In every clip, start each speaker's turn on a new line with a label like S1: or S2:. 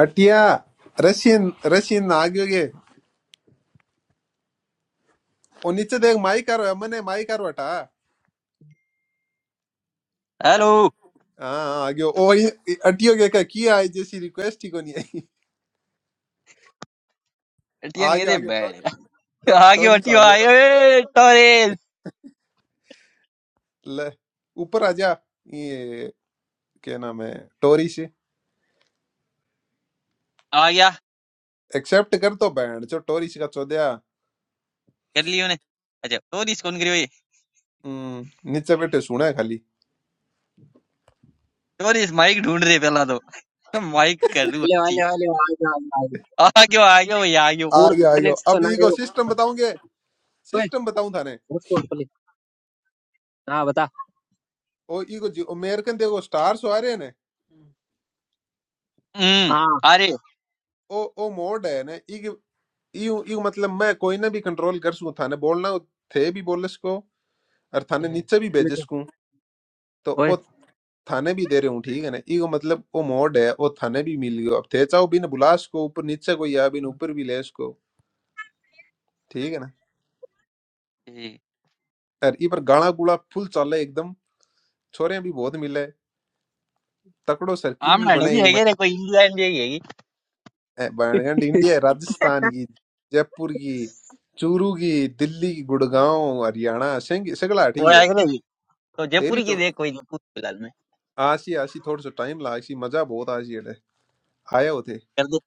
S1: अटिया Russian Russian आगे वो नीचे देख माई कर मने माई कर बटा
S2: हेलो
S1: हाँ आगे ओ ये- अटियो के का किया है जैसी रिक्वेस्ट ही को नहीं आई
S2: हटिया नहीं
S1: आगे
S2: दे
S1: आगे टो,
S2: बैठ
S1: टो,
S2: आ गया
S1: टोरिस
S2: हटियो
S1: आगे
S2: आए टोरेस
S1: ले ऊपर आजा ये क्या नाम है टोरिस
S2: आ गया
S1: एक्सेप्ट कर तो बैंड जो टोरिस का चौदया
S2: कर लियो ने अच्छा टोरिस कौन करियो ये
S1: हम्म, नीचे बैठे सुना है खाली
S2: टोरिस माइक ढूंढ रहे पहला तो माइक कर रू
S3: हेलो
S2: अच्छी
S3: हेलो हेलो आ जाओ आ जाओ
S2: आ गयो आ गयो ये आ गयो
S3: पूर
S1: आगे आगे अब
S3: कनेक्शन आ रहे
S1: इको
S3: हो
S1: सिस्टम बताऊंगे
S3: ओए
S1: सिस्टम बताऊं थाने
S3: हॉटस्पॉट पे हाँ बता
S1: ओ इको अमेरिकन देखो स्टार्स आ रहे हैं ने
S2: हम्म
S3: हाँ
S2: अरे
S1: ओ ओ मोड है ने यू यू मतलब मैं कोई ना भी कंट्रोल कर सकूं थाने बोलना हो थे भी बोल सको और थाने नीचे भी भेज
S3: मैं कह-
S1: सकूं तो ओ
S3: ओए
S1: थाने भी दे रहे हूं ठीक है ना ईगो मतलब ओ मोड है ओ थाने भी मिल गयो अब थे चाहो भी ना बुला सको ऊपर नीचे कोई आ भी ना ऊपर भी ले सको ठीक है ना
S2: ए,
S1: और ई पर गाना गुड़ा फुल चले एकदम छोरे भी बहुत मिले तकड़ो सर्किल
S2: आम
S1: भी
S2: नाडे
S1: बने
S2: भी
S1: ई
S2: है
S1: मत-
S2: रे कोई इंडिया इंडिया ही है
S1: ए, बैंगन इंडिया है, राजस्थान की जयपुर की चूरू की दिल्ली की गुड़गांव हरियाणा सिंह सगला
S2: और
S1: ठीक
S2: आ
S1: है
S2: गया भी तो
S1: तेरी
S2: जयपुर की
S1: चो
S2: देख कोई जयपुर फिलहाल में
S1: आशी आशी थोड़ा सा टाइम लगा आशी मजा बहुत आशी अड़े आया होते
S2: कर दे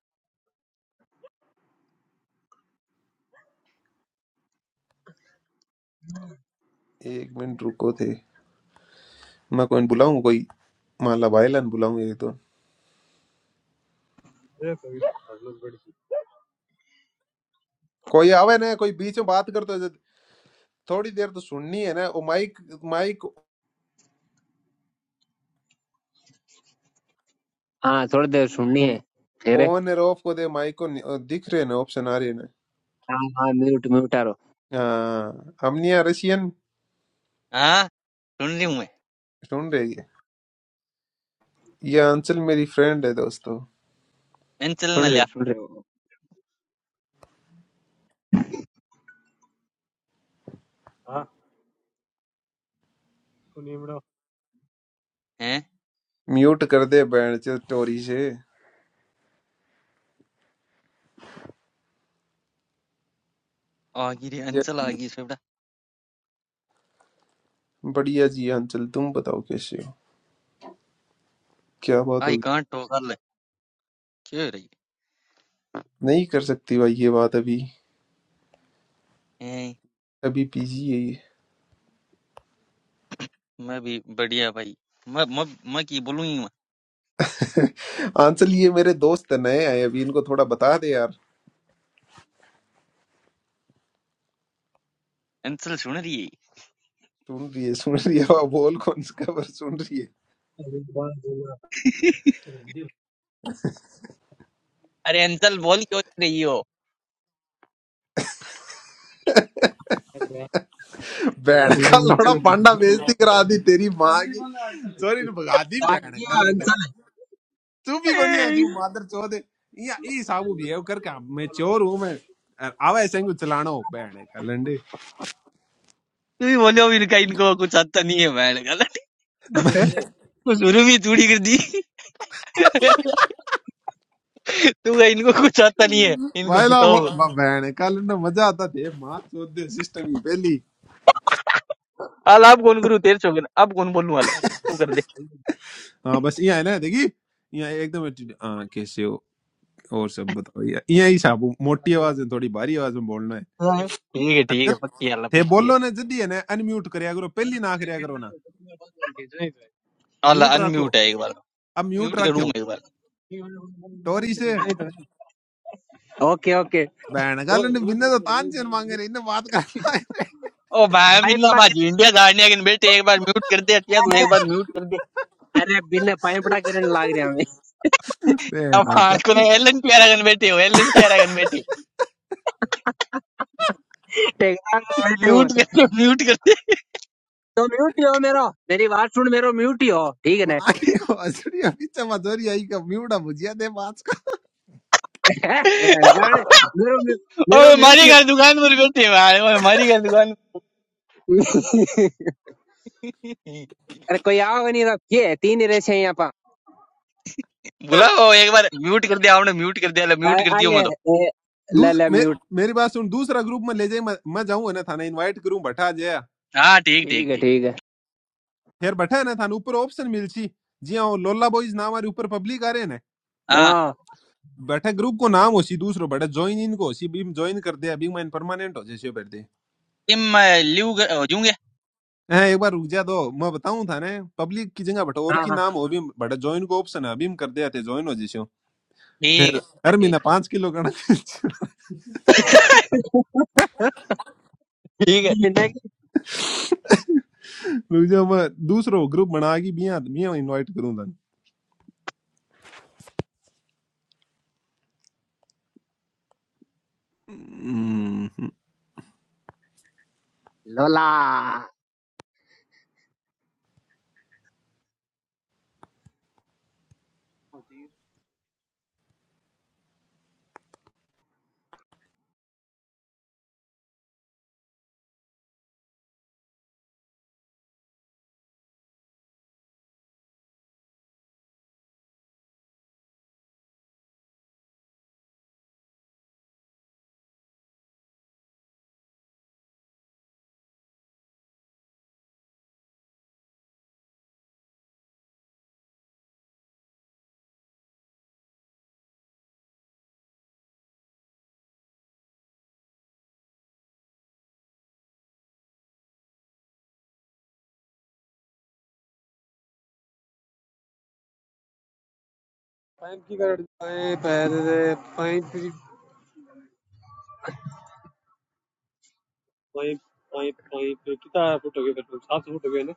S1: एक मिनट रुको थे मैं कोई बुलाऊं कोई मान ला भाई लान बुलाऊं एक तो कोई आवे ना कोई बीच में बात करते तो जद- थोड़ी देर तो सुननी है ना वो माइक माइक
S3: हाँ थोड़ी देर सुननी है तेरे
S1: ऑन और ऑफ को दे माइक को नि- दिख रहे ना ऑप्शन आ रहे ना
S3: हाँ हाँ म्यूट म्यूट आ रहो
S1: हाँ हमने यहाँ रशियन
S2: हाँ ढूंढ रही हूँ मैं
S1: सुन रही है ये अंचल मेरी फ्रेंड है दोस्तों
S2: अंचल
S3: सुन
S2: न
S3: रहे
S2: लिया
S3: सुन रहे हो हाँ सुनिए बड़ो
S2: हैं
S1: म्यूट कर दे बैंड चल टोरी से
S2: आ गई रे
S1: या
S2: अंचल आ
S1: जी।
S2: गई इस पे बेटा
S1: बढ़िया जी अंचल तुम बताओ कैसे हो क्या बात
S2: आई
S1: होगी
S2: कहाँ टोकर ले क्यों
S1: नहीं कर सकती भाई ये बात अभी
S2: रही
S1: अभी पीजी यही
S2: मैं भी बढ़िया भाई मैं मैं मैं की बोलूँ ही मैं
S1: आंसर ये मेरे दोस्त हैं, नए आए अभी इनको थोड़ा बता दे यार
S2: अंचल सुन रही है
S1: सुन रही है सुन रही है वाह, बोल कौन सा खबर सुन रही है
S3: अरे बात बोला।
S2: अरे अंचल बोल क्यों नहीं रही हो
S3: अरे
S1: बैठ का लौड़ा
S3: अंचल
S1: पांडा बेइज्जती करा दी तेरी माँ की सॉरी ने भगा दी बहन
S3: भाग्य
S1: कल ने
S3: अंचल
S1: तू भी कोनी है
S2: ए,
S1: तू मादर चोद है या ई साबू भी है कर काम मैं चोर हूं मैं और आवा ऐसे को चलाना हो बहन कल
S2: तू ही बोलो इनका इनको कुछ आता नहीं है मैं गलत
S1: ने
S2: तो शुरू में चूड़ी कर दी तू कह, इनको कुछ आता नहीं है इनको
S1: भाई ना वो
S2: सिखाओ
S1: बहन कल ने मजा आता थे मां चोद दे सिस्टम ही पहली
S2: हाल आप कौन करूँ तेरे छोकर आप कौन बोलने वाला है तू कर दे
S1: हाँ बस यहाँ है ना देखी यहाँ एकदम attitude- हाँ कैसे हो और सब बताओ यहाँ यहाँ ही साहब मोटी आवाज में थोड़ी भारी आवाज में बोलना है
S2: हाँ। ठीक है ठीक
S1: अरे
S2: है पक्की हाल
S1: थे
S2: पक्की है
S1: बोलो ना जल्दी है ना अनम्यूट करया करो पहली ना करया करो ना
S2: हाल
S1: म्यूट रखो
S2: अनम्यूट है एक बार
S1: अब म्यूट
S2: म्यूट करूँ
S1: रखो
S2: मैं एक बार
S1: टोरी से
S3: ओके ओके
S1: बैन
S3: दो
S1: गाल ने बिन्ने तो तान
S3: दो
S1: से मांगे रहे इन्हें बात करना है रे।
S2: ओ भाई बिन्ना
S3: भाई
S2: बाजी इंडिया जाने के बेटे एक बार म्यूट कर दे अटिया तू एक बार म्यूट कर
S3: अरे बिन पाइपड़ा करने लाग रहा हूँ
S2: अब
S1: बैन
S2: हाँ
S1: का
S2: कौन एल एन टी आर कन्वर्टी हो एल एन टी आर कन्वर्टी
S3: टेकरा में बैठे हूँ
S2: म्यूट करते म्यूट करते
S3: तो म्यूट ही हो मेरो मेरी बात सुन मेरो म्यूट ही हो ठीक है ना
S1: माँ की बांसुरी अभी चमचोरी आई का म्यूट अब मुझे दे बात का
S3: गाने मेरो म्यू-
S2: ओए
S3: मेरो म्यूट
S2: हमारी
S3: ही
S2: घर
S3: हो
S2: दुकान पर करते भाई ओए हमारी घर दुकान
S3: अरे कोई आओ नहीं रहा ये है, तीन ही रेस हैं यहाँ पा
S2: बोला वो एक बार म्यूट कर दिया आपने म्यूट कर दिया ले म्यूट
S3: अ-
S2: कर दियो
S3: अले
S2: मैं तो
S3: ए, ले
S1: दूस
S3: ले
S1: मे,
S3: म्यूट
S1: मेरी बात सुन दूसरा ग्रुप में ले जाई मैं, मैं जाऊं है ना थाने इनवाइट करूं बैठा जया
S2: हाँ ठीक ठीक
S3: ठीक है
S2: ठीक
S3: ठीक है
S1: फिर बैठा है ना थाने ऊपर ऑप्शन मिलची जिया वो लोला बॉयज नाम हमारे ऊपर पब्लिक आ रहे ने
S2: हाँ
S3: हाँ
S1: बैठे ग्रुप को नाम होसी दूसरो बैठे ज्वाइन इनको होसी भी ज्वाइन कर दे अभी मैं परमानेंट हो जैसे कर दे
S2: इम लिव जूंगे ठीक
S1: हैं एक बार रुक जा दो मैं बताऊं थाने पब्लिक की जगह बैठे और
S3: हाँ
S1: की
S3: हाँ
S1: नाम हो भी बैठे ज्वाइन को ऑप्शन है अभी हम कर दे थे ज्वाइन हो जैसे फिर
S2: है
S1: हर
S2: ठीक
S1: महीना
S2: ठीक
S1: पांच किलो का
S2: है
S3: लेना कि-
S1: रुक जाओ मैं दूसरो ग्रुप बना के बिया बिया इनवाइट करूं थाने
S3: लोला ओए पैर पैंतीस पॉइंट पॉइंट पॉइंट कितना फुट हो गए पेट्रोल सात सौ फुट हो गए